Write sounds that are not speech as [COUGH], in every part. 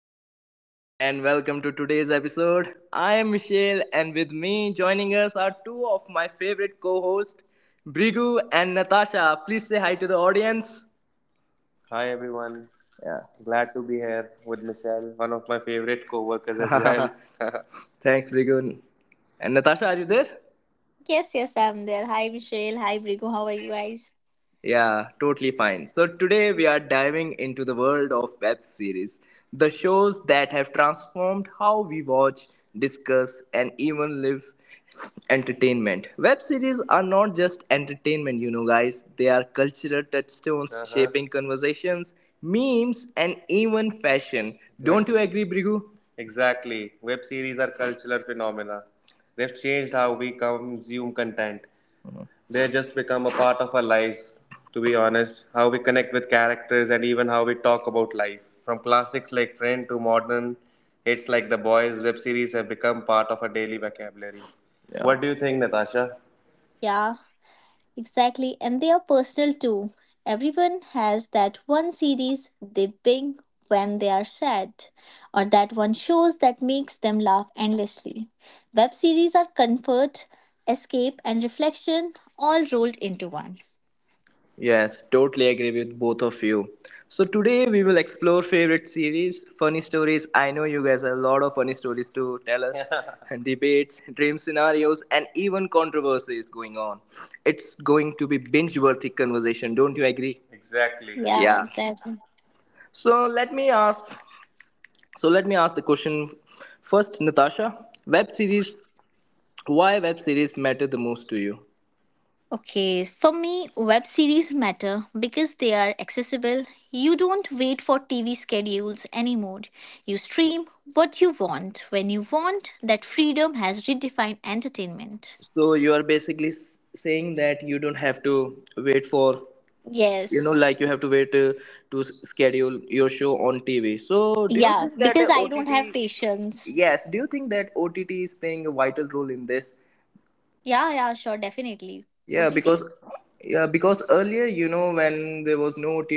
Hello everyone, and welcome to today's episode. I am Michelle, and with me joining us are two of my favorite co hosts, Brigu and Natasha. Please say hi to the audience. Hi everyone. Yeah, glad to be here with Michelle, one of my favorite co-workers as well. [LAUGHS] [LAUGHS] Thanks, Brigu. And Natasha, are you there? Yes, yes, I'm there. Hi, Michelle. Hi, Brigo. How are you guys? Yeah, totally fine. So today we are diving into the world of web series, the shows that have transformed how we watch, discuss, and even live entertainment. Web series are not just entertainment, guys. They are cultural touchstones, uh-huh, shaping conversations, memes, and even fashion. Don't you, exactly, agree, Brigu? Exactly. Web series are cultural phenomena. They've changed how we consume content. They just become a part of our lives, to be honest, how we connect with characters and even how we talk about life. From classics like friend to modern hits like the boys, web series have become part of our daily vocabulary. Yeah. What do you think, Natasha? Yeah, exactly. And they are personal too. Everyone has that one series they bing when they are sad, or that one shows that makes them laugh endlessly. Web series are comfort, escape, and reflection all rolled into one. Yes, totally agree with both of you. So today we will explore favorite series, funny stories. I know you guys have a lot of funny stories to tell us, [LAUGHS] and debates, dream scenarios, and even controversies going on. It's going to be binge-worthy conversation. Don't you agree? Exactly. Yeah, Yeah. exactly. So let me ask. So let me ask the question first, Natasha. Web series. Why web series matter the most to you? Okay, for me, web series matter because they are accessible. You don't wait for TV schedules anymore. You stream what you want when you want. That freedom has redefined entertainment. So you are basically saying that you don't have to wait for, Yes. like, you have to wait, to schedule your show on TV. So do you Yeah, think that, because I OTT... don't have patience. Yes, do you think that OTT is playing a vital role in this? Yeah, yeah, sure, definitely. Yeah, because... OTT? Yeah, because earlier, when there was no OTT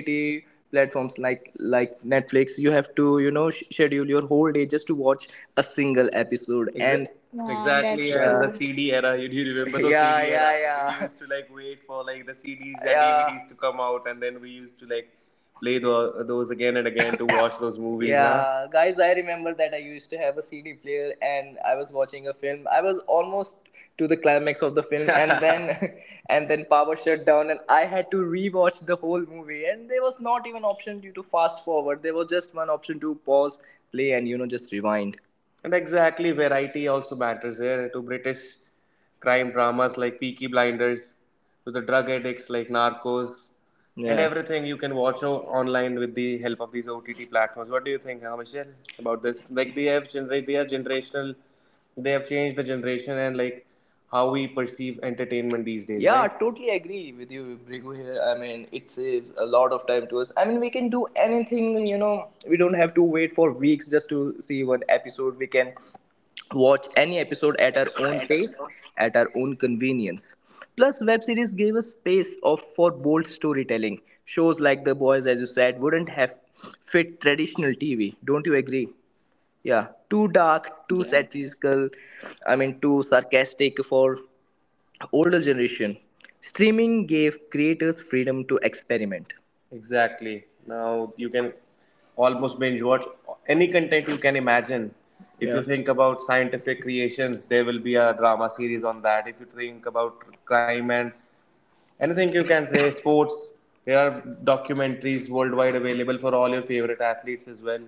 platforms, like Netflix, you have to, schedule your whole day just to watch a single episode. And... Yeah, Exactly. Yeah, that's and the true. CD era. You do you remember the [LAUGHS] yeah, CD era? Yeah, we, yeah, used to like wait for like the CDs and, yeah, DVDs to come out, and then we used to like play those again and again to watch those movies, huh? Yeah, huh? Guys, I remember that I used to have a CD player and I was watching a film. I was almost to the climax of the film, and then [LAUGHS] and then power shut down, and I had to rewatch the whole movie, and there was not even option due to fast forward. There was just one option: to pause, play, and, just rewind. And exactly, variety also matters here, to British crime dramas like Peaky Blinders, to the drug addicts like Narcos, and, yeah, everything you can watch online with the help of these OTT platforms. What do you think, huh, Michelle, about this? Like, they have generational, they have changed the generation, and like how we perceive entertainment these days, yeah, right? Totally agree with you, Brigu. Here, I mean, it saves a lot of time to us. I mean, we can do anything. We don't have to wait for weeks just to see one episode. We can watch any episode at our own pace, at our own convenience. Plus, web series gave us space of for bold storytelling. Shows like The Boys, as you said, wouldn't have fit traditional TV. Don't you agree? Yeah, too Yes. dark, too satirical. I mean, too sarcastic for older generation. Streaming gave creators freedom to experiment. Exactly. Now you can almost binge watch any content you can imagine. If, yeah, you, yeah, think about scientific creations, there will be a drama series on that. If you think about crime and... anything you can say, sports. There are documentaries worldwide available for all your favorite athletes as well.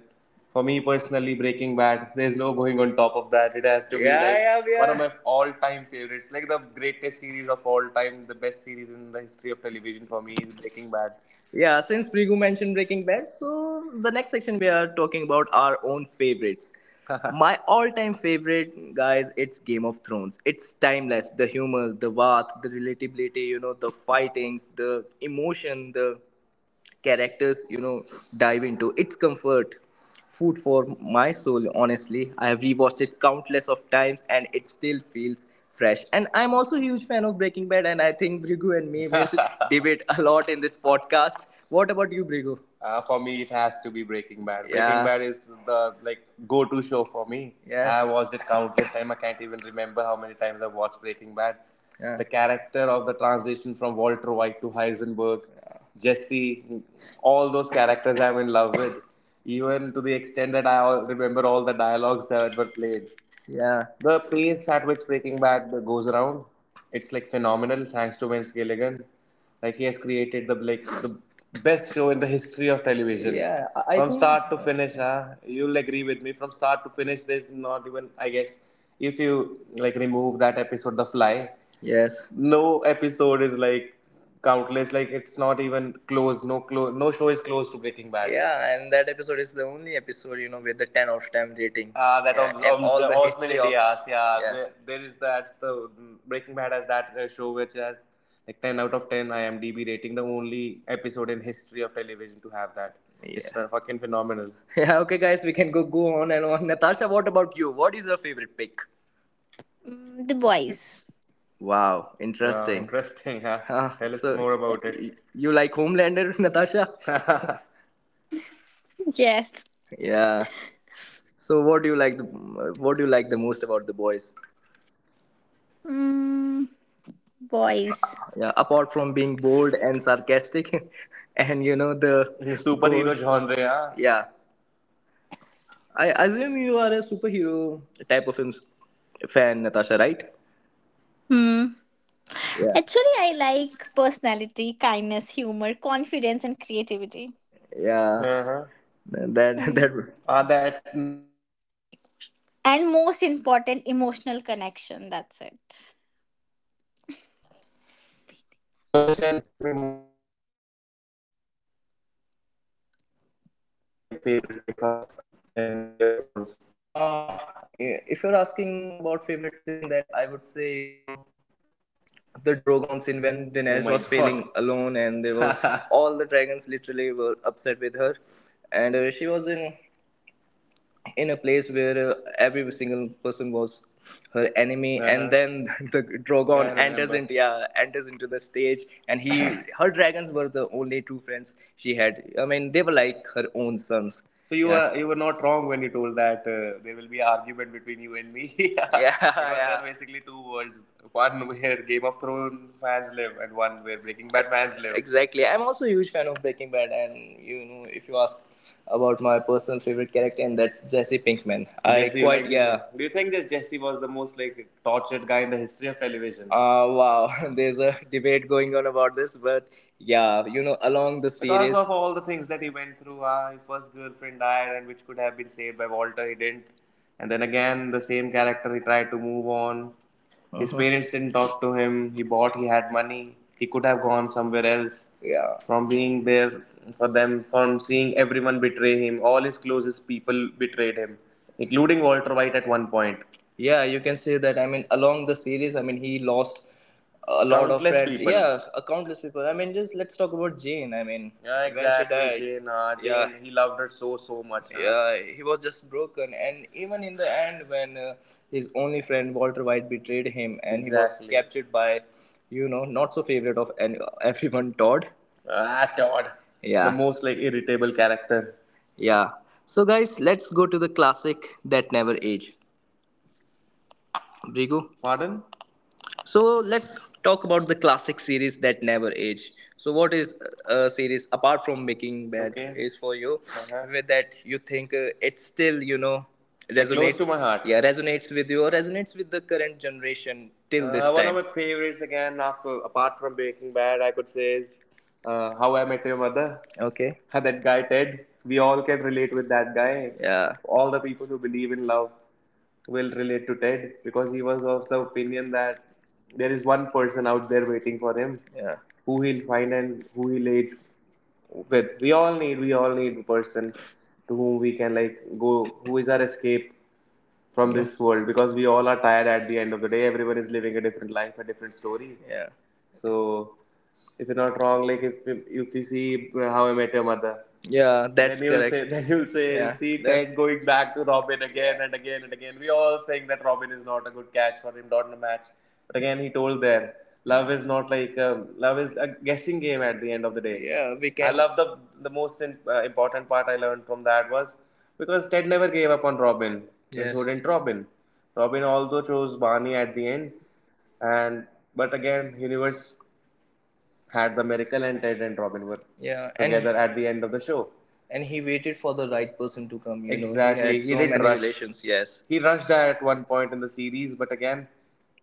For me personally, Breaking Bad, there's no going on top of that. It has to be, yeah, like, yeah, we, one of my all-time favorites, like the greatest series of all time, the best series in the history of television, for me, is Breaking Bad. Yeah, since Prigu mentioned Breaking Bad, so the next section we are talking about our own favorites. [LAUGHS] My all-time favorite, guys, it's Game of Thrones. It's timeless. The humor, the warmth, the relatability, the fightings, the emotion, the characters, dive into. It's comfort food for my soul. Honestly, I have rewatched it countless of times, and it still feels fresh. And I'm also a huge fan of Breaking Bad, and I think Brigu and me will [LAUGHS] debate a lot in this podcast. What about you, Brigu? For me, it has to be Breaking Bad. Breaking, yeah, Bad is the, like, go-to show for me. Yes. I watched it countless [LAUGHS] times. I can't even remember how many times I watched Breaking Bad. Yeah. The character of the transition from Walter White to Heisenberg, yeah. Jesse, all those characters I'm in love with. Even to the extent that I remember all the dialogues that were played. Yeah. The pace at which Breaking Bad goes around, it's like phenomenal. Thanks to Vince Gilligan. Like, he has created the like the best show in the history of television. Yeah, I, from, think, start to finish, huh? You'll agree with me. From start to finish, there's not even, I guess, if you like remove that episode, The Fly, yes, no episode is like countless. Like, it's not even close. No show is close to Breaking Bad. Yeah, and that episode is the only episode, with the 10 out of 10 rating. Ah, that, yeah, of, and all the history of, yeah, yes, there, is that the Breaking Bad has that, show which has like 10 out of 10 IMDb rating, the only episode in history of television to have that. Yeah, it's, fucking phenomenal. [LAUGHS] Yeah. Okay, guys, we can go on and on. Natasha, what about you? What is your favorite pick? Mm, the boys. Wow, wow, interesting, interesting. Huh? [LAUGHS] Ah, tell us so more about it. You like Homelander, [LAUGHS] Natasha? Yes. [LAUGHS] Yeah. So what do you like the what do you like the most about the boys? Mm, boys. Yeah, apart from being bold and sarcastic [LAUGHS] and you know the [LAUGHS] in gore, superhero goal, genre, huh? Yeah. I assume you are a superhero type of films fan, Natasha, right? Hmm. Yeah. Actually, I like personality, kindness, humor, confidence, and creativity. Yeah. Uh-huh. That [LAUGHS] that, Mm. That... And most important, emotional connection. That's it. So Michelle, tell me more. What do you like about the Game of Thrones? Like, what was your like favorite pickup in Game of Thrones? If you're asking about favorite scene, that I would say, the Drogon scene when, oh, Daenerys, oh my was god, feeling God, alone, and there were [LAUGHS] all the dragons literally were upset with her, and, she was in a place where, every single person was her enemy, and then [LAUGHS] the, yeah, dragon, yeah, enters into, yeah, enters into the stage, and he [LAUGHS] her dragons were the only two friends she had. I mean, they were like her own sons. So you, yeah, were, you were not wrong when you told that, there will be an argument between you and me. [LAUGHS] Yeah, [LAUGHS] because, yeah, there, yeah, are basically two worlds: one where Game of Thrones fans live, and one where Breaking Bad fans live. Exactly. I'm also a huge fan of Breaking Bad, and, if you ask about my personal favorite character, and that's Jesse Pinkman. I, Jesse, quite like, yeah. Do you think that Jesse was the most like tortured guy in the history of television? Wow, [LAUGHS] there's a debate going on about this, but yeah, along the series, because of all the things that he went through, his first girlfriend died, and which could have been saved by Walter, he didn't. And then again, the same character he tried to move on, uh-huh. His parents didn't talk to him. He bought. He had money. He could have gone somewhere else. Yeah. From being there for them, from seeing everyone betray him, all his closest people betrayed him, including Walter White at one point. Yeah, you can say that. I mean, along the series, I mean, he lost a lot, countless of friends, people. Yeah, countless people. I mean, just let's talk about Jane. I mean, yeah, exactly, when she, exactly, died. Jane, yeah, he loved her so so much, huh? Yeah, he was just broken, and even in the end, when, his only friend Walter White betrayed him, and, exactly, he was, exactly, captured by, not so favorite of any, everyone, Todd. Ah, Todd. Yeah. The most like irritable character. Yeah. So, guys, let's go to the classic that never age. Brigu, pardon? So let's talk about the classic series that never age. So what is a series apart from Breaking Bad, okay, is for you, uh-huh, with that you think it still it's close resonates to my heart. Yeah, resonates with you or resonates with the current generation till this one time. One of my favorites again, after, apart from Breaking Bad, I could say is How I Met Your Mother. Okay. That guy Ted. We all can relate with that guy. Yeah. All the people who believe in love will relate to Ted because he was of the opinion that there is one person out there waiting for him, yeah, who he'll find and who he'll age with. We all need persons to whom we can like go, who is our escape from, yeah, this world, because we all are tired at the end of the day. Everyone is living a different life, a different story. Yeah. So if you're not wrong, like, if you see How I Met Your Mother, yeah, that's then correct. Say then you'll say, yeah, see that- Ted that, going back to Robin again and again and again. We all saying that Robin is not a good catch for him, not in a match. But again, he told there, love is not like, love is a guessing game at the end of the day. Yeah, we can. I love the, important part I learned from that was because Ted never gave up on Robin, and, yes, and so didn't Robin. Robin although chose Barney at the end, and, but again, universe had the miracle and Ted and Robin were, yeah, and together and at the end of the show. And he waited for the right person to come. You know, exactly. Know, had so he so didn't many rush. Relations. Yes, he rushed at one point in the series, but again,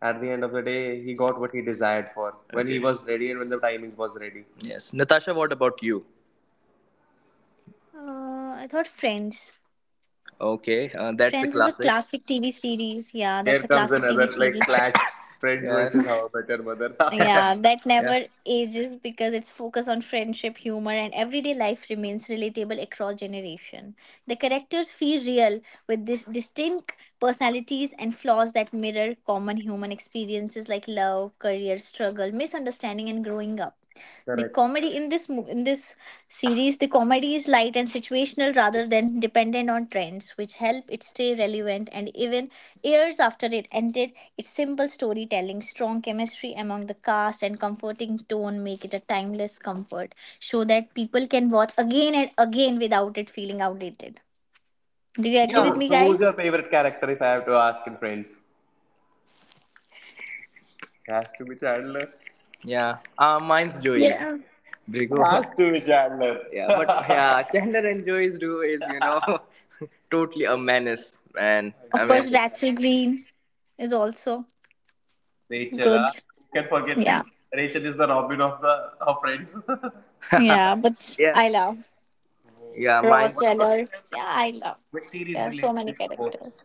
at the end of the day, he got what he desired for, okay, when he, okay, was ready and when the timing was ready. Yes. Natasha, what about you? Uh, I thought Friends. Okay, Friends is a that's a classic TV classic. series. Yeah, that's a classic Here TV comes another series. like clash: [LAUGHS] Friends, yes, versus How I Met Your Mother. Yeah, [LAUGHS] that [LAUGHS] never Yeah. ages because its focus on friendship, humor, and everyday life remains relatable across generation. The characters feel real with this distinct personalities and flaws that mirror common human experiences like love, career struggle, misunderstanding, and growing up. The Correct. comedy in in this series, the comedy is light and situational rather than dependent on trends, which help it stay relevant, and even years after it ended, its simple storytelling, strong chemistry among the cast, and comforting tone make it a timeless comfort show that people can watch again and again without it feeling outdated. Do you agree Yeah. with So, me, so who's guys? your favorite character if I have to ask in Friends? It has to be Chandler. Yeah. Mine's Joey. Yeah, Brigo. Has to be Chandler. [LAUGHS] Yeah, but yeah, Chandler and Joey's duo is, you know, [LAUGHS] totally a menace, man. I of mean, course Rachel green is also Rachel, good. ah, who can forget Yeah, Rachel? Rachel is the Robin of the of Friends. yeah, [LAUGHS] but [LAUGHS] Yeah. I love Yeah, Ross Geller. Yeah, I love. what series There are so relates to many you the most? characters.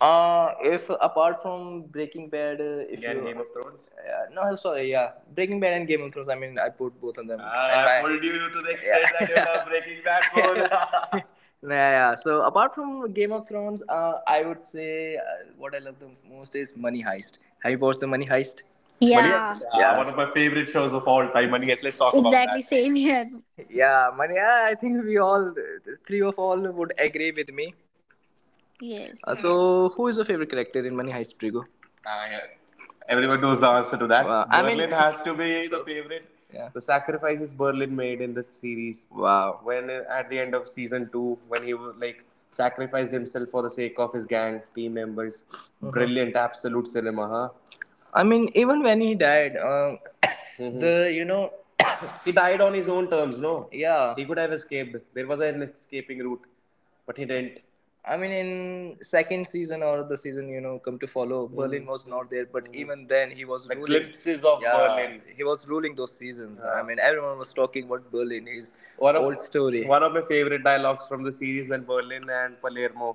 If apart from Breaking Bad, if, yeah, you, Game of Thrones. Yeah, no, sorry, yeah, Breaking Bad and Game of Thrones. I mean, I put both of them. Pulled you to the extent, yeah, that you love [LAUGHS] Breaking Bad more. [LAUGHS] [LAUGHS] Yeah, yeah. So apart from Game of Thrones, I would say, what I love the most is Money Heist. Have you watched the Money Heist? Money Heist. Yeah, Yeah. Yeah. One of my favorite shows of all time. Money Heist. Let's talk about that. exactly. Same here. Yeah, Money. I think we all, three of all, would agree with me. Yes, So, who is your favorite character in Money Heist, Trigo? Ah, yeah. Everyone knows the answer to that. Wow. I Berlin I mean- has to be, so, the favorite. Yeah. The sacrifices Berlin made in the series. Wow. When, at the end of season 2, when he like sacrificed himself for the sake of his gang team members, mm-hmm, brilliant, absolute cinema, huh? I mean, even when he died, mm-hmm, the, [COUGHS] he died on his own terms, no? Yeah, he could have escaped. There was an escaping route, but he didn't. I mean, in second season or the season, come to follow, mm, Berlin was not there. But mm, even then, he was the ruling, glimpses of, yeah, Berlin. He was ruling those seasons. Yeah. I mean, everyone was talking about Berlin. His, old story. One of my favorite dialogues from the series when Berlin and Palermo,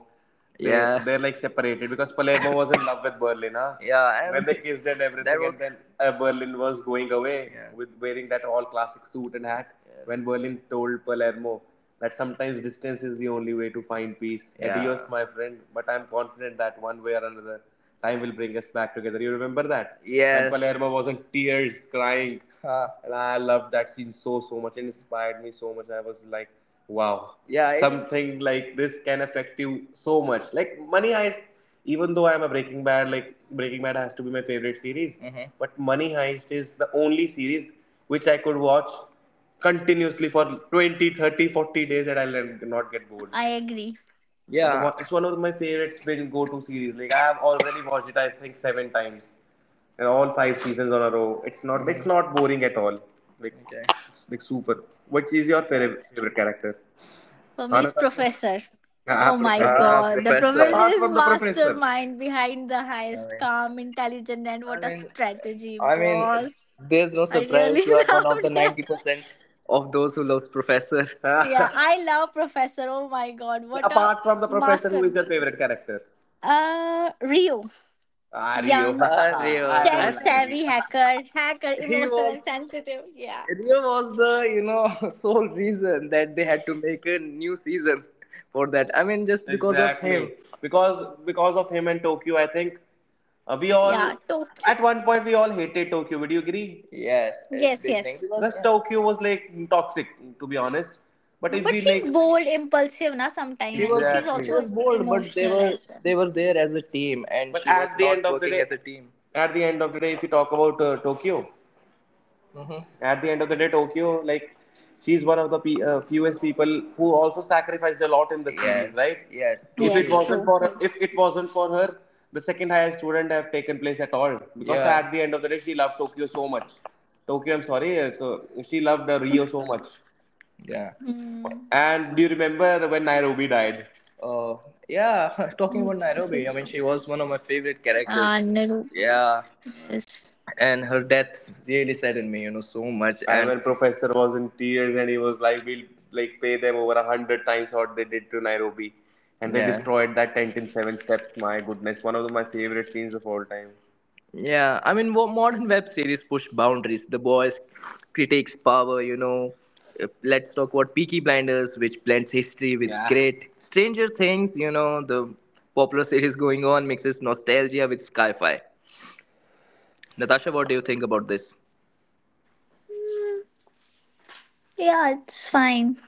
yeah, they're like separated because Palermo was in love with Berlin, huh? Yeah, and when they kissed and everything, and then Berlin was going away, yeah, with wearing that all classic suit and hat. Yes. When Berlin told Palermo that sometimes distance is the only way to find peace. Yeah. Adios, my friend. But I'm confident that one way or another, time will bring us back together. You remember that? Yes. When Palermo was in tears, crying. Huh. And I loved that scene so, so much. It inspired me so much. I was like, wow. Yeah, something it, like this can affect you so much. Like, Money Heist, even though I'm a Breaking Bad, like, Breaking Bad has to be my favorite series. Mm-hmm. But Money Heist is the only series which I could watch continuously for 20, 30, 40 days and I'll not get bored. I agree. Yeah, it's one of my favorites, been go-to series. Like I have already watched it, I think 7 times, and all 5 seasons on a row. It's not boring at all. Like, okay, it's like super. What is your favorite That's true. favorite character? For me, it's Anastasia? Professor. Ah, Oh my professor. Ah, god, the professor. professor Apart is from the professor. mastermind behind the I highest, mean, calm, intelligent, and I what a mean, strategy, I mean, boss. there's no I really surprise. [LAUGHS] You are one of loved the it. 90% of those who loves Professor. Yeah, [LAUGHS] I love Professor. Oh my god, what a Apart from the professor, master. who is your favorite character? Rio. Ah, Rio. [LAUGHS] Young, Ah, Rio. I don't I tech think like you. savvy hacker, He emotional was and sensitive. Yeah. Rio was the, [LAUGHS] sole reason that they had to make a new seasons for that. I mean, just because of him. Exactly. Because of him and Tokyo, I think, we Yeah. all, Tokyo. at one point we all hated Tokyo. Would you agree? Yes, at Yes, beginning yes. because, plus yeah, Tokyo was like toxic, to be honest. But if But we like, she's bold, impulsive, na sometime, she and she's exactly, also was bold, but they emotional were as they well. were there as a team. And at, at the working day, as a team. At the end of day, if you talk about Tokyo. Hmm. At the end of the day, Tokyo, like, she's one of the fewest people who also sacrificed a lot in the, yeah, series, right? Yeah, if it totally Yes, wasn't true. for her, the second highest wouldn't have taken place at all. Because, yeah, at the end of the day, she loved Tokyo so much. Tokyo, I'm sorry, so she loved Rio so much. Yeah. Mm. And do you remember when Nairobi died? Uh, yeah. [LAUGHS] Talking about Nairobi, I mean, she was one of my favorite characters. Ah, no. Yeah, Yes. and her death really saddened me, you know, so much. And when And professor was in tears and he was like, "We'll like pay them over 100 times what they did to Nairobi," and they, yeah, destroyed that tent in 7 steps. My goodness, one of my favorite scenes of all time. Yeah, I mean, what modern web series push boundaries? The Boys critiques power, you know. Let's talk about Peaky Blinders, which blends history with, yeah, great. Stranger Things, you know, the popular series going on, mixes nostalgia with sci-fi. Natasha, what do you think about this? Mm. Yeah, it's fine.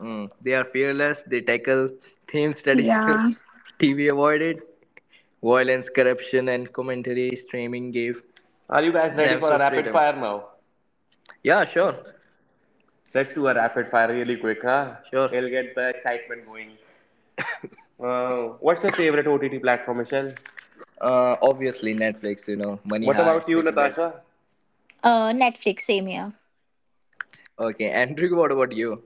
Mm. They are fearless, they tackle themes traditional Yeah. [LAUGHS] TV avoided: violence, corruption, and commentary. Streaming gave, Are you guys ready for a some rapid freedom. Fire now? Yeah, sure. Let's do a rapid fire really quick, huh? Sure. It'll get the excitement going. Wow. What's your favorite OTT platform, Michelle? Obviously, Netflix, you know, money What high, about heist, you, speaking that. Natasha? Netflix, same here. Okay, Andrew, what about you?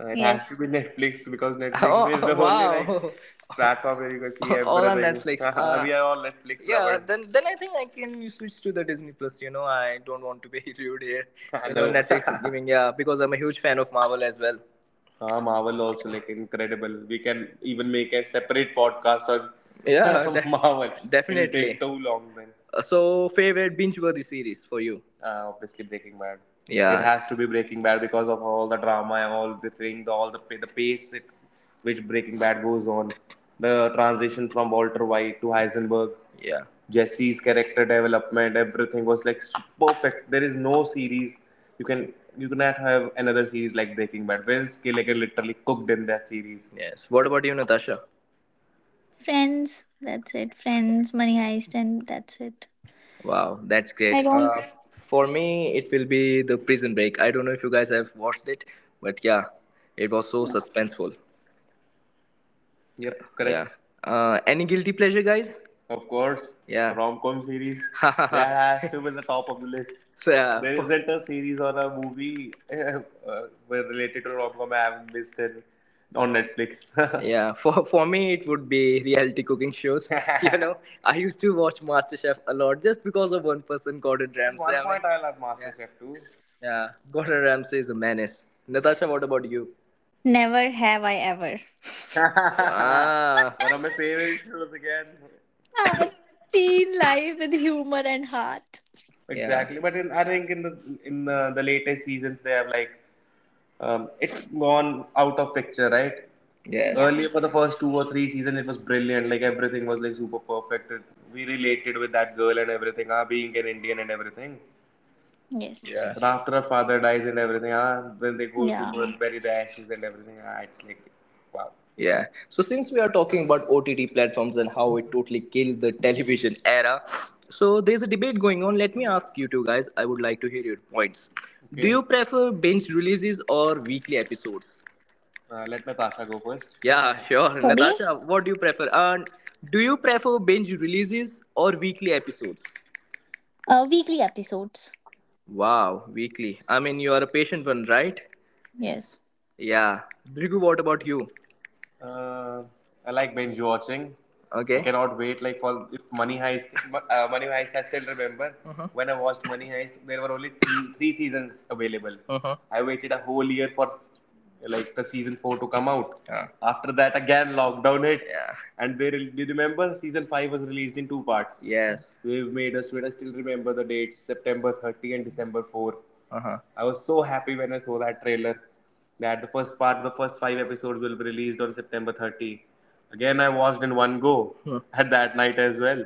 It has to Yes. be Netflix because [LAUGHS] Netflix is, oh, the oh, [LAUGHS] only like wow platform where you can see [LAUGHS] All on. Everything. [LAUGHS] Netflix. We are all Netflix, yeah, lovers. Then I think I can switch to the Disney Plus. You know, I don't want to be [LAUGHS] rude here. [LAUGHS] I You know, Netflix is [LAUGHS] giving, yeah, because I'm a huge fan of Marvel as well. Ah, Marvel also like incredible. We can even make a separate podcast on [LAUGHS] Yeah, Marvel. It'll take definitely. Too long then. So, favorite binge-worthy series for you? Obviously Breaking Bad. Yeah. It has to be Breaking Bad because of all the drama and all the things, all the, pace it, which Breaking Bad goes on. The transition from Walter White to Heisenberg, yeah. Jesse's character development, everything was like perfect. There is no series you cannot have another series like Breaking Bad. Vince Gilligan literally cooked in that series. Yes. What about you, Natasha? Friends, that's it. Friends, Money Heist, and that's it. Wow, that's I great. don't. For me, it will be the Prison Break. I don't know if you guys have watched it, but yeah, it was so No. suspenseful. Yeah, correct. Yeah. Any guilty pleasure, guys? Of course, yeah, rom com series [LAUGHS] that has to be the top of the list. So yeah, there not a series or a movie [LAUGHS] related to rom com I have not missed it on Netflix. [LAUGHS] Yeah, for me it would be reality cooking shows. [LAUGHS] You know, I used to watch MasterChef a lot just because of one person, Gordon Ramsay. One point, I love MasterChef too. Yeah, Gordon Ramsay is a menace. Natasha, what about you? Never have I ever. Ah, [LAUGHS] one of my favorite shows again. Ah, teen life with humor and heart. Yeah, exactly. Yeah, but I think in the latest seasons they have like it's gone out of picture, right? Yes. Yeah. Earlier for the first two or three season, it was brilliant. Like everything was like super perfect. We related with that girl and everything. Ah, being an Indian and everything. Yes. Yeah. And after her father dies and everything, ah, when they go to Yeah. Bury the ashes and everything, ah, it's like, wow. Yeah. So since we are talking about OTT platforms and how it totally killed the [LAUGHS] television era, so there's a debate going on. Let me ask you two guys. I would like to hear your points. Do, okay, you prefer binge releases or weekly episodes? Let Natasha go first. Yeah, sure. Sorry. Natasha, what do you prefer? And do you prefer binge releases or weekly episodes? Weekly episodes. Wow, weekly. I mean, you are a patient one, right? Yes. Yeah. Brigu, what about you? Uh, I like binge watching. I, okay, I cannot wait. Like for if Money Heist, [LAUGHS] Money Heist, I still remember, mm-hmm, when I watched Money Heist. There were only three seasons available. Uh huh. I waited a whole year for like the season four to come out. Yeah. After that, again lockdown hit, yeah, and they you remember season five was released in two parts. Yes. They made us wait. I still remember the dates: September 30 and December 4. Uh-huh. I was so happy when I saw that trailer that the first part of the first five episodes will be released on september 30. Again, I watched in one go [LAUGHS] at that night as well,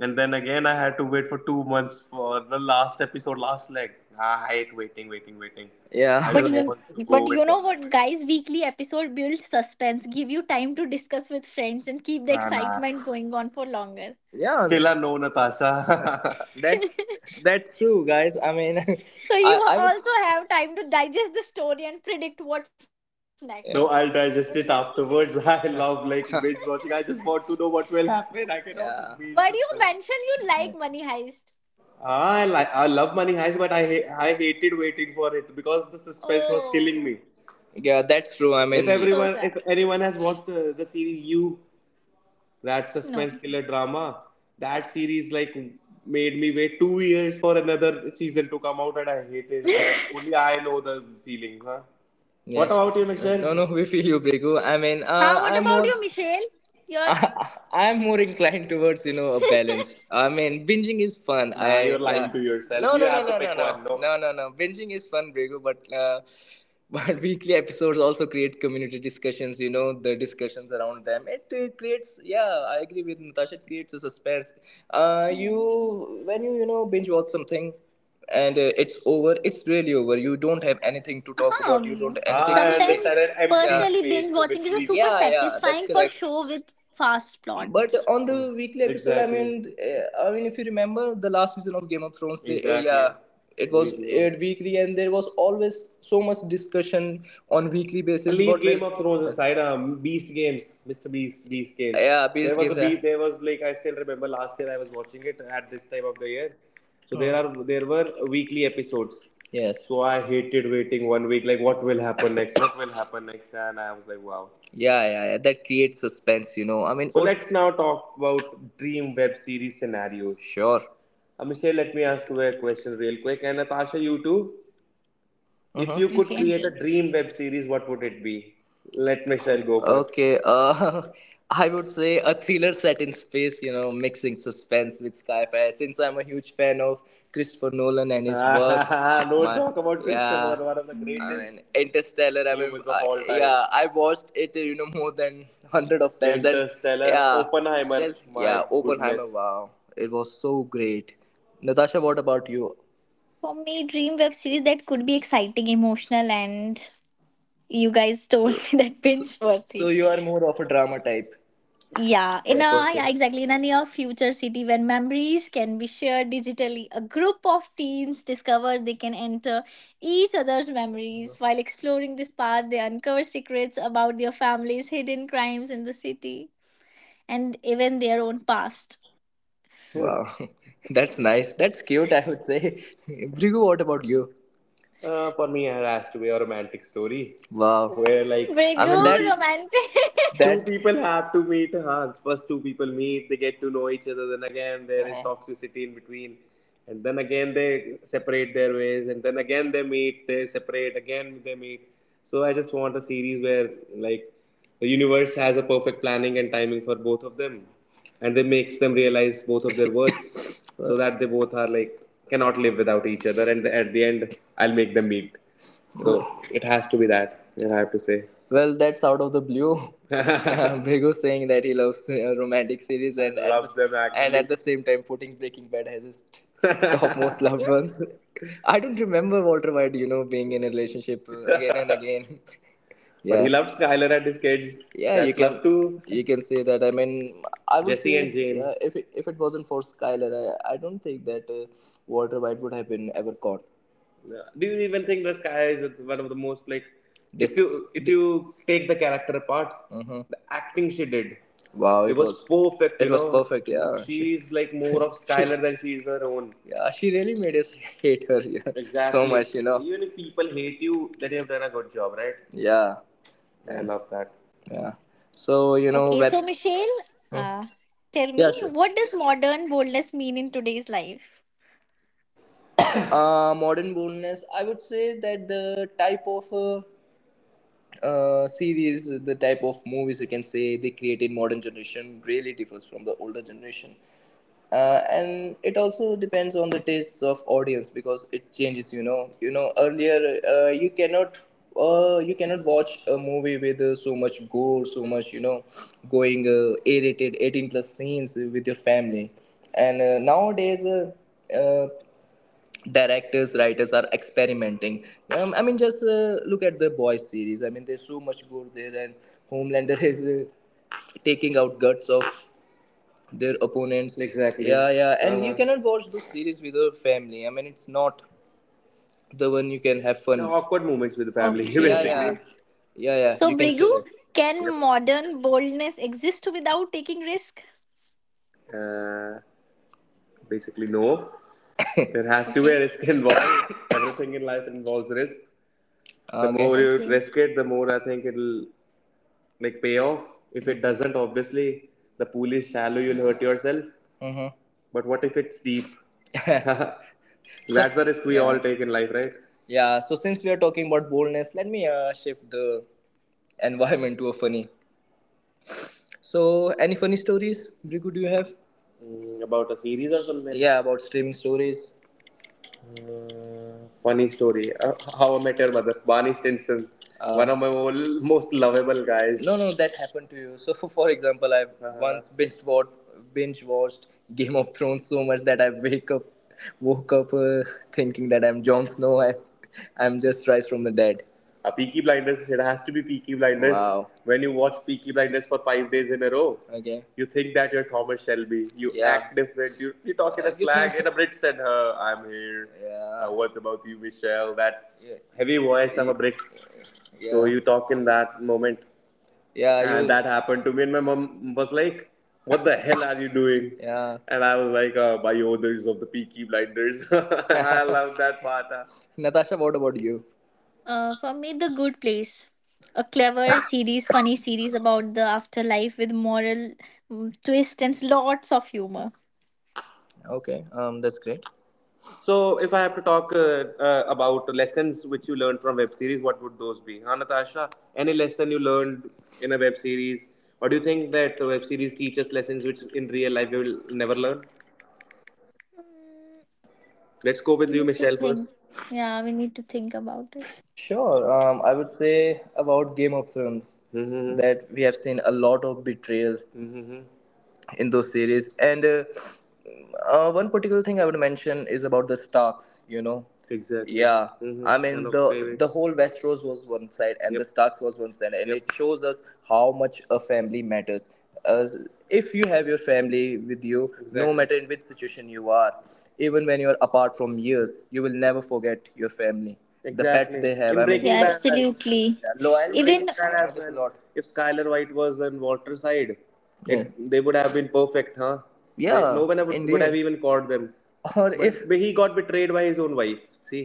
and then again I had to wait for 2 months for the last episode, last leg. Ah, I hate waiting waiting. Yeah, I, yeah, But just you, want to go but you in know one go. what, guys? Weekly episode build suspense, give you time to discuss with friends, and keep the Ah, nah, excitement going on for longer. yeah, still a no, Natasha. [LAUGHS] That's that's true, guys. I mean, So [LAUGHS] you I would. also have time to digest the story and predict what's next. Yeah, no, In I'll this digest weekend, it afterwards. [LAUGHS] I love like [LAUGHS] binge watching. I just want to know what will happen. I cannot, yeah, but you be in mentioned suspense. you like Money Heist. I like, I love Money Heist, but I hated waiting for it because the suspense was Oh, killing me. Yeah, that's true. I If mean, so everyone, sad. if anyone has watched the series, you, that suspense No. killer drama, that series like made me wait 2 years for another season to come out, and I hated it. [LAUGHS] Only I know the feeling, huh? What, yes, about you, Michelle? No, no, we feel you, Brigu. I mean, Huh, what I'm about more you, Michelle? [LAUGHS] Your I'm more inclined towards you know a balance. I mean, binging is fun. Nah, I, you're lying to yourself. No, you no have to no pick one. No. Binging is fun, Brigo. But [LAUGHS] but weekly episodes also create community discussions. You know the discussions around them. It creates, yeah, I agree with Natasha. It creates a suspense. You, yes. when you know binge watch something. And it's over. It's really over. You don't have anything to talk about. You Uh-huh. don't have anything I to say. Understand Sometimes an empty, yeah, personally binge space watching which is a leaves. super Yeah, yeah, that's satisfying for correct. show with fast But plots. on the, mm, weekly episode, exactly. I Exactly, I mean, if you remember the last season of Game of Thrones, exactly, exactly, yeah, it was, weekly, aired weekly, and there was always so much discussion on weekly basis. Leave of Thrones aside, Beast Games, Mr. Beast, Beast Games. Yeah, Beast there based was a games, yeah. There was like, I still remember last year I was watching it at this time of the year. So, oh, there Hmm. are there were weekly episodes. Yes. So I hated waiting one week. Like what will happen next? What will happen next? And I was like, wow. Yeah, yeah, yeah. That creates suspense, you know. I mean, so, oh, let's now talk about dream web series scenarios. Sure. Michelle, let me ask you a question real quick. And Natasha, you too? If, mm-hmm, you could Okay. create a dream web series, what would it be? Let Michelle go first. Okay, [LAUGHS] I would say a thriller set in space, you know, mixing suspense with sci-fi. Since I'm a huge fan of Christopher Nolan and his works, [LAUGHS] don't my talk about Christopher, yeah, Nolan, one of the I Mm. greatest mean Interstellar. I mean, humans of all time. Yeah, I watched it, you know, more than [LAUGHS] hundred of times, and Interstellar, yeah, Oppenheimer, still, yeah, my Oppenheimer, goodness. Wow, it was so great. Natasha, what about you? For me, dream web series that could be exciting, emotional, and you guys told [LAUGHS] So, me that binge so worthy. you are more of a drama type, Yeah, in yeah, a person. yeah, exactly. In a near future city when memories can be shared digitally, a group of teens discover they can enter each other's memories. While exploring this part, they uncover secrets about their families, hidden crimes in the city, and even their own past. Good. Wow, [LAUGHS] that's nice. That's cute, I would say. [LAUGHS] Brigu, what about you? For me, it has to be a romantic story. Wow. Where Mm, like very I mean, two that's good, people. romantic. Two [LAUGHS] That's people have to meet. Huh? First, two people meet, they get to know each other. Then again, there is toxicity in between, and then again they separate their ways, and then again they meet, they separate, again they meet. So I just want a series where like the universe has a perfect planning and timing for both of them, and they makes them realize both of their words, [COUGHS] so that they both are like cannot live without each other, and at the end I'll make them meet. So it has to be that. I have to say. Well, that's out of the blue. [LAUGHS] Bhego saying that he loves romantic series and loves them and actually, at the same time putting Breaking Bad as his [LAUGHS] top most loved ones. I don't remember Walter White, you know, being in a relationship again and again. [LAUGHS] But yeah, but he loved Skyler and his kids. Yeah, you, that's, you can love too. You can say that. I mean, I would, Jesse say and Jane. Yeah, if it wasn't for Skyler, I don't think that Walter White would have been ever caught. Yeah. Do you even think the sky is one of the most like, if you if di- you take the character apart, mhm, the acting she did, wow, it was perfect. It was, know? Perfect. Yeah, she's like more of Skylar [LAUGHS] than she is her own. Yeah, she really made us hate her, yeah, exactly, so exactly much. You know, even if people hate you, that you have done a good job, right? Yeah, I love that. Yeah. So you know, Okay, web. so Michelle, Hmm. uh, tell Yeah, me, sure. what does modern boldness mean in today's life? Modern boldness. I would say that the type of series, the type of movies you can say they created modern generation really differs from the older generation, and it also depends on the tastes of audience because it changes. You know earlier you cannot. You cannot watch a movie with so much gore, so much you know, going A-rated, 18 plus scenes with your family, and nowadays uh, directors writers are experimenting, I mean just look at the boys series. I mean there's so much gore there, and homelander [LAUGHS] is taking out guts of their opponents. Exactly. Yeah, yeah. And you, uh-huh, cannot watch this series with your family. I mean it's not the one you can have The fun, yeah, awkward moments with the family, [LAUGHS] yeah, yeah, Okay, yeah. basically. Yeah, yeah, So, you can Brigu, say that. can Yep. modern boldness exist without taking risk? Uh, Basically, no. [LAUGHS] There has to be a Okay, risk involved. [COUGHS] Everything in life involves risk. The Okay, more you okay. risk it, the more I think it'll like payoff. If it doesn't, obviously the pool is shallow, you'll hurt yourself. Hmm. But what if it's deep? [LAUGHS] That's the risk we, yeah, all take in life, right? Yeah, so since we are talking about boldness, let me shift the environment to a funny. So, any funny stories, Brigu, do you have? About a series or something. Yeah, about streaming stories. Uh, Funny story. How I met your mother, Barney Stinson, one of my most lovable guys. No, no, that happened to you. So, [LAUGHS] for example, I've Uh-huh. once binge watched Game of Thrones so much that woke up thinking that I'm Jon Snow and [LAUGHS] I'm just rise from the dead. Peaky Blinders, it has to be Peaky Blinders. Wow. When you watch Peaky Blinders for 5 days in a row, okay, you think that you're Thomas Shelby. You Yeah. Act different. You talk in a you slang, in a British and her, I'm here. Yeah. Uh. Yeah. What about you, Michelle? That's yeah, heavy voice yeah, of a yeah. Yeah. So you talk in that moment. Yeah. That happened to me, and my mom was like, what the hell are you doing? Yeah. And I was like, by orders of the Peaky Blinders. [LAUGHS] I love that part. [LAUGHS] Natasha, what about you? For me, The Good Place, a clever series, funny series about the afterlife with moral twist and lots of humor. Okay. That's great. So, if I have to talk about lessons which you learned from web series, what would those be? Huh, Natasha, any lesson you learned in a web series? Or do you think that the web series teaches lessons which in real life you will never learn? Mm, Let's go We with you, need to Michelle, first. think. Yeah, we need to think about it. Sure. I would say about Game of Thrones, hmm, that we have seen a lot of betrayal, mhm, in those series, and one particular thing I would mention is about the Starks, you know. Exactly. Yeah. Hmm. I One mean One of The favorites. Whole Westeros was one side and, yep, the, yep, Starks was one side, and yep, it shows us how much a family matters. As if you have your family with you, no, exactly, matter in which situation you are, even when you are apart from years, you will never forget your family, the pets, exactly, they have. In I mean Breaking Yeah, yeah, Bad as well. absolutely. Yeah In loyalty Even Breaking loyalty Bad as matters a well. Lot If Skyler White was on Walter's side, yeah, they would have been perfect, huh? Like, yeah, like, no one would have even caught them. Or but if he got betrayed by his own wife. See,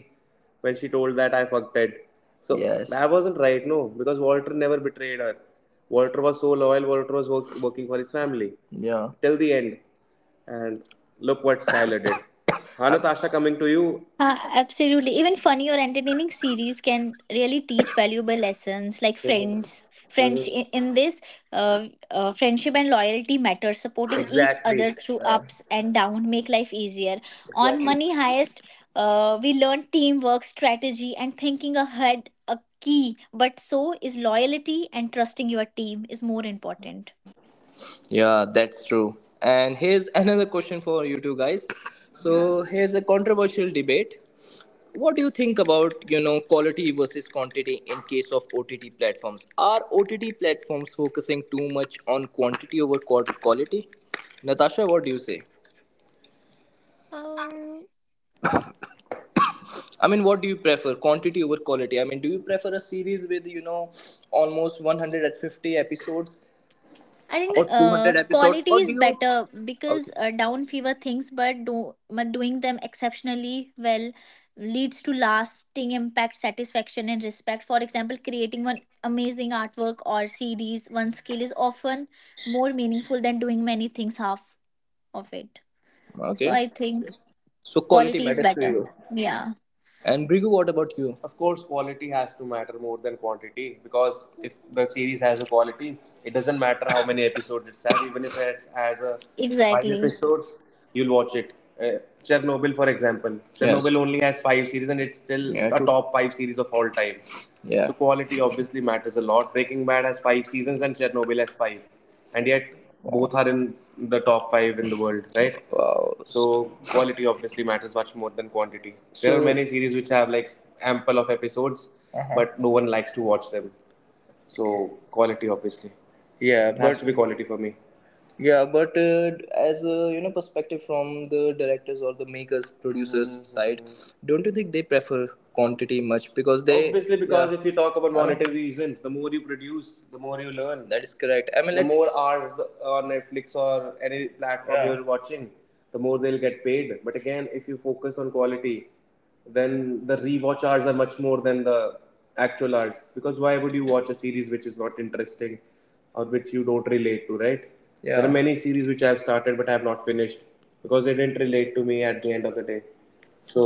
when she told that I fucked Ted. So yes, that wasn't right, no, because Walter never betrayed her. Walter was so loyal. Walter was working for his family, yeah, till the end. And look what Tyler did. [COUGHS] Huh, Natasha, coming to you. absolutely. Even funny or entertaining series can really teach valuable lessons like friends. Friends in, in this, Friendship and loyalty matter. Supporting each other Exactly. through Yeah. ups and down make life easier. On Money Heist, we learn teamwork, strategy, and thinking ahead. A key, but so is loyalty and trusting your team is more important. Yeah, that's true. And here's another question for you two guys. So here's a controversial debate. What do you think about quality versus quantity in case of OTT platforms? Are OTT platforms focusing too much on quantity over quality? Natasha, what do you say? I mean, what do you prefer, quantity over quality? I mean, do you prefer a series with almost 150 episodes I think or 200 episodes, or quality do is you? better because Okay, down fever things, but do but doing them exceptionally well leads to lasting impact, satisfaction, and respect. For example, creating one amazing artwork or series, one skill is often more meaningful than doing many things half of it. So okay. I think So quality quality is matters to better. you. Yeah, And Brigu, what about you? Of course, quality has to matter more than quantity, because if the series has a quality, it doesn't matter how many episodes it has. Even if it has a five exactly. episodes, you'll watch it. Chernobyl, for example. Yes. Chernobyl, yes, only has five series and it's still, yeah, a true. Top five series of all time. Yeah. So quality obviously matters a lot. Breaking Bad has five seasons and Chernobyl has five, and yet both are in the top five in the world, right? Wow. So quality obviously matters much more than quantity. There are many series which have like ample of episodes, uh-huh, but no one likes to watch them. So quality obviously, yeah, it but has to be quality for me. Yeah, but as a perspective from the directors or the makers, producers, mhm, mhm, side, mhm, don't you think they prefer quantity much because they obviously, because yeah, if you talk about monetary reasons, the more you produce, the more you learn. That is correct. I mean, more hours on Netflix or any platform, yeah, you're watching, the more they'll get paid. But again, if you focus on quality, then the rewatch hours are much more than the actual hours, because why would you watch a series which is not interesting or which you don't relate to, right? Yeah. There are, yeah, many series which I have started but I have not finished because they didn't relate to me at the end of the day. So,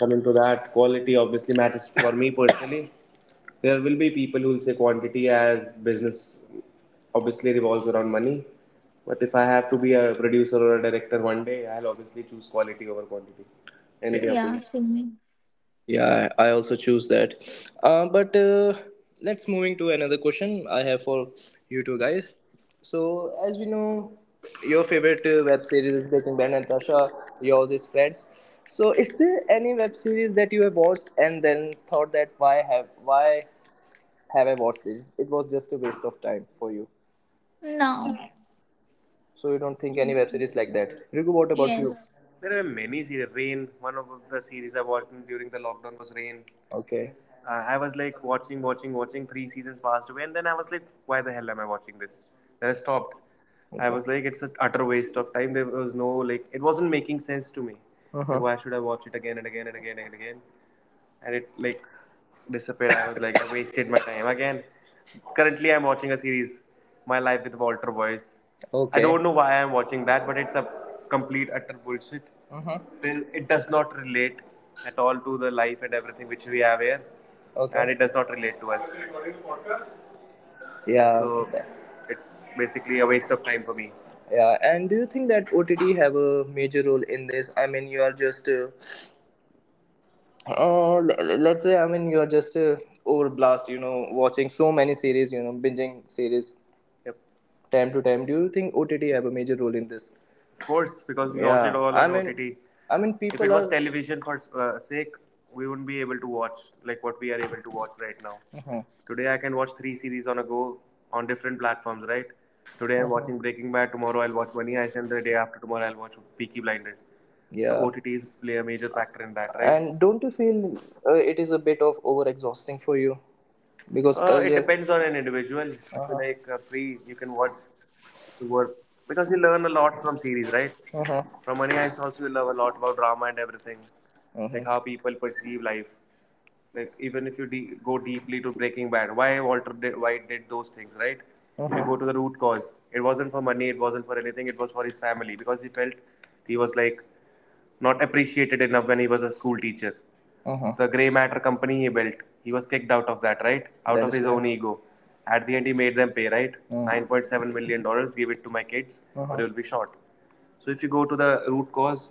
coming to that, quality obviously matters for me personally. [COUGHS] There will be people who will say quantity, as business obviously revolves around money, but if I have to be a producer or a director one day, I'll obviously choose quality over quantity any day of the Yeah, week. same. Yeah, I also choose that. But let's moving to another question I have for you two guys. So as we know, your favorite web series is Breaking Bad, and Tasha, yours is Friends. So is there any web series that you have watched and then thought that why have I watched this? It was just a waste of time for you. No. So you don't think any web series like that? Riku, what about you? Yes. There are many series. Rain, one of the series I watched during the lockdown was Rain. Okay. I was like watching. Three seasons passed away, and then I was like, why the hell am I watching this? Then I stopped. Okay. I Okay. was like, it's an utter waste of time. There was no, like, it wasn't making sense to me. Like, uh-huh, like, why should I watch it again and again and again and again? And it like disappeared. I was like, I wasted my time again. Currently, I'm watching a series, My Life with Walter Boyce. Okay. I Okay. don't know, why I'm watching that, but it's a complete utter bullshit. Uh huh. It does not relate at all to the life and everything which we have here, okay, and it does not relate to us. Yeah. So it's basically a waste of time for me. Yeah. And do you think that OTT have a major role in this? I mean, you are just Uh, l- let's say, I mean you're just overblast, you know, watching so many series, you know, binging series, yep, time to time. Do you think OTT have a major role in this? Of course, because we watch it, yeah, all OTT. I mean, if it people was are. Television for sake, we wouldn't be able to watch like what we are able to watch right now. Mhm. Today, I can watch three series on a go on different platforms, right? Today, I'm, mhm, watching Breaking Bad. Tomorrow, I'll watch Money Heist, and the day after tomorrow, I'll watch Peaky Blinders. Yeah. So yeah, OTTs play a major factor in that, right? And don't you feel it is a bit of over exhausting for you, because it depends on an individual. Uh-huh. If you, uh-huh, like free, you can watch the word, because you learn a lot from series, right? Uh-huh. From Money Heist also you learn a lot about drama and everything, like, uh-huh, like how people perceive life. Like even if you go deeply to Breaking Bad, why Walter did, why did those things, right? Uh-huh. If you, uh-huh, go to the root cause, it wasn't for money, it wasn't for anything, it was for his family, because he felt he was like not appreciated enough when he was a school teacher. Uh-huh. The Grey Matter company he built, he was kicked out of that, right? Out That of his correct. Own ego. At the end, he made them pay, right? Mhm. $9.7 million, dollars, give it to my kids, uh-huh, or you'll be shot. So if you go to the root cause,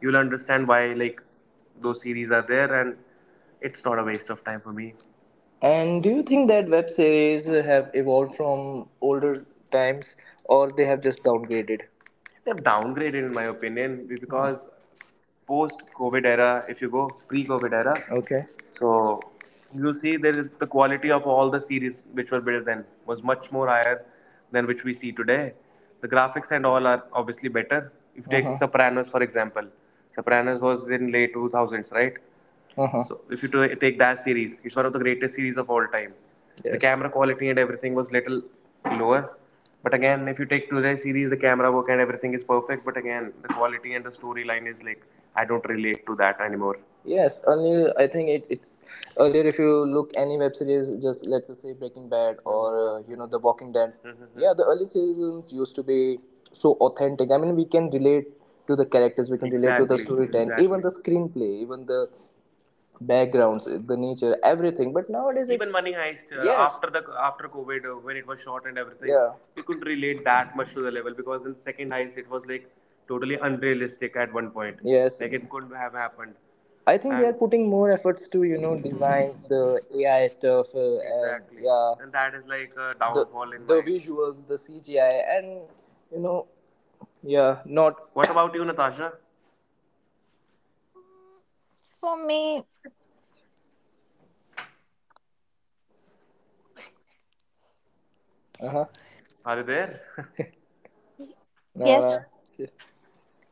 you'll understand why like those series are there, and it's not a waste of time for me. And do you think that web series have evolved from older times, or they have just downgraded? They've downgraded, in my opinion, because, mm-hmm, post COVID era, if you go pre COVID era, okay, so you'll see that the quality of all the series which were built then was much more higher than which we see today. The graphics and all are obviously better. If you, uh take huh. Sopranos for example, Sopranos was in late 2000s, right? Uh-huh. So if you take that series, it's one of the greatest series of all time. Yes. The yes. camera quality and everything was little lower, but again, if you take today's series, the camera work and everything is perfect. But again, the quality and the storyline is like I don't relate to that anymore. Yes, only I think it earlier if you look any web series, just let's just say Breaking Bad or you know The Walking Dead. Mm-hmm. Yeah, the early seasons used to be so authentic. I mean, we can relate to the characters, we can exactly. Relate to the storytelling, exactly, even exactly. The screenplay, even the backgrounds, the nature, everything. But nowadays, even it's Money Heist yes. After COVID, when it was shot and everything, yeah, we couldn't relate that much to the level, because in second heist it was like totally unrealistic at one point. Yes. Like it couldn't have happened. I think and they are putting more efforts to, you know, designs, the AI stuff, and exactly, and, yeah, and that is like a the downfall the, in the visuals, the CGI, and you know, yeah, not. What about you, Natasha? For me, Uh huh. Are you there? [LAUGHS] No. yes. Nah.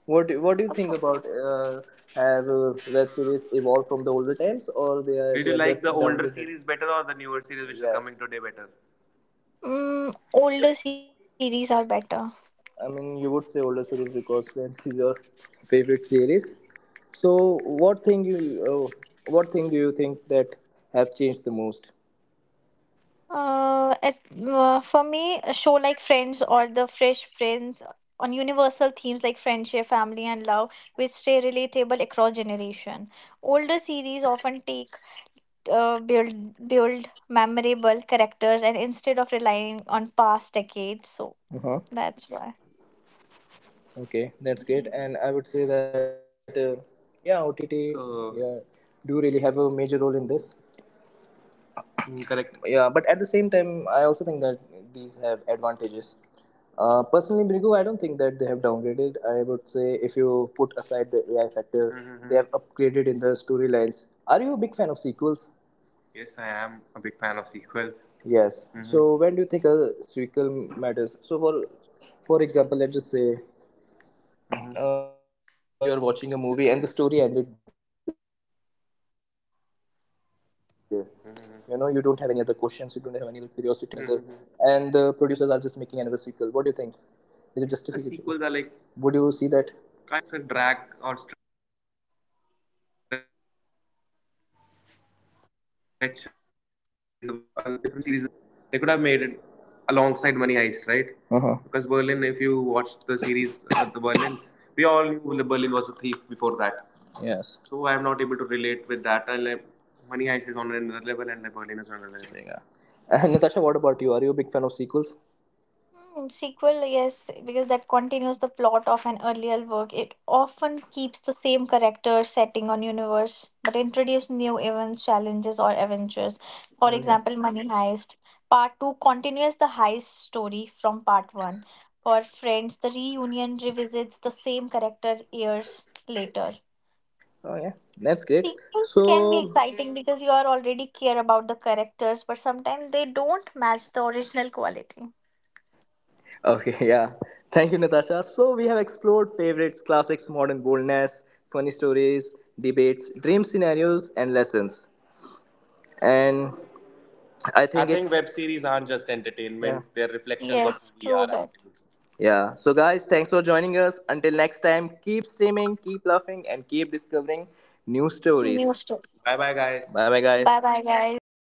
What do you think about have web series evolved from the older times, or they are did they you are like just the done older downdated series better, or the newer series which are, yes, coming today better? Mm, older series are better. I mean you would say older series because Friends is your favorite series. So what thing you uh, what thing do you think that have changed the most? Uh, it, for me, a show like Friends or The Fresh Prince on universal themes like friendship, family, and love, which stay relatable across generation. Older series often take uh, build build memorable characters, and instead of relying on past decades, so Uh-huh. that's why. Okay, that's great. And I would say that yeah, OTT, so yeah, do really have a major role in this. Mm, correct. Yeah, but at the same time I also think that these have advantages. Personally brigo I don't think that they have downgraded. I would say if you put aside the AI factor, mhm, they, mm-hmm, have upgraded in the storylines. Are you a big fan of sequels? Yes, I am a big fan of sequels. Yes. Mhm. So when do you think a sequel matters? So for example, let's just say, mhm, you're watching a movie and the story ended there. Mhm. You know, you don't have any other questions, you don't have any other curiosity, you know, to watch another. Mhm. And the producers are just making another sequel. What do you think? Is it the sequels are like, would you see that, kind of it's a drag or stretch. I believe, yeah, even when Money Heist, you'll say Berlin was added, and a, uh-huh, a series of a different series of Berlin. They could have made it alongside Money Heist, right? Uh-huh. Because Berlin, if you watch the series of the Berlin, we all knew the Berlin was a thief before that. Yes. So I am not able to, like, Money Heist is on another level, and the Berlin is on another level. Yeah. And Natasha, what about you? Are you a big fan of sequels? Hmm, sequel, yes, because that continues the plot of an earlier work. It often keeps the same character, setting, on universe, but introduce new events, challenges, or adventures. For Okay. example, Money Heist. Part 2 continues the heist story from Part 1. For Friends, the reunion revisits the same character years later. Oh yeah, that's great. Sequels can be So exciting because you are already care about the characters, but sometimes they don't match the original quality. okay, [LAUGHS] yeah. Thank you, Natasha. So we have explored favorites, classics, modern boldness, funny stories, debates, dream scenarios, and lessons. And I think it's web series aren't just, yeah, entertainment, they're reflections of Yes, who we true are that. actually. Yeah. So guys, thanks for joining us. Until next time, keep streaming, keep laughing, and keep discovering new stories. New story. Bye bye, guys. Bye bye guys. Bye bye, guys.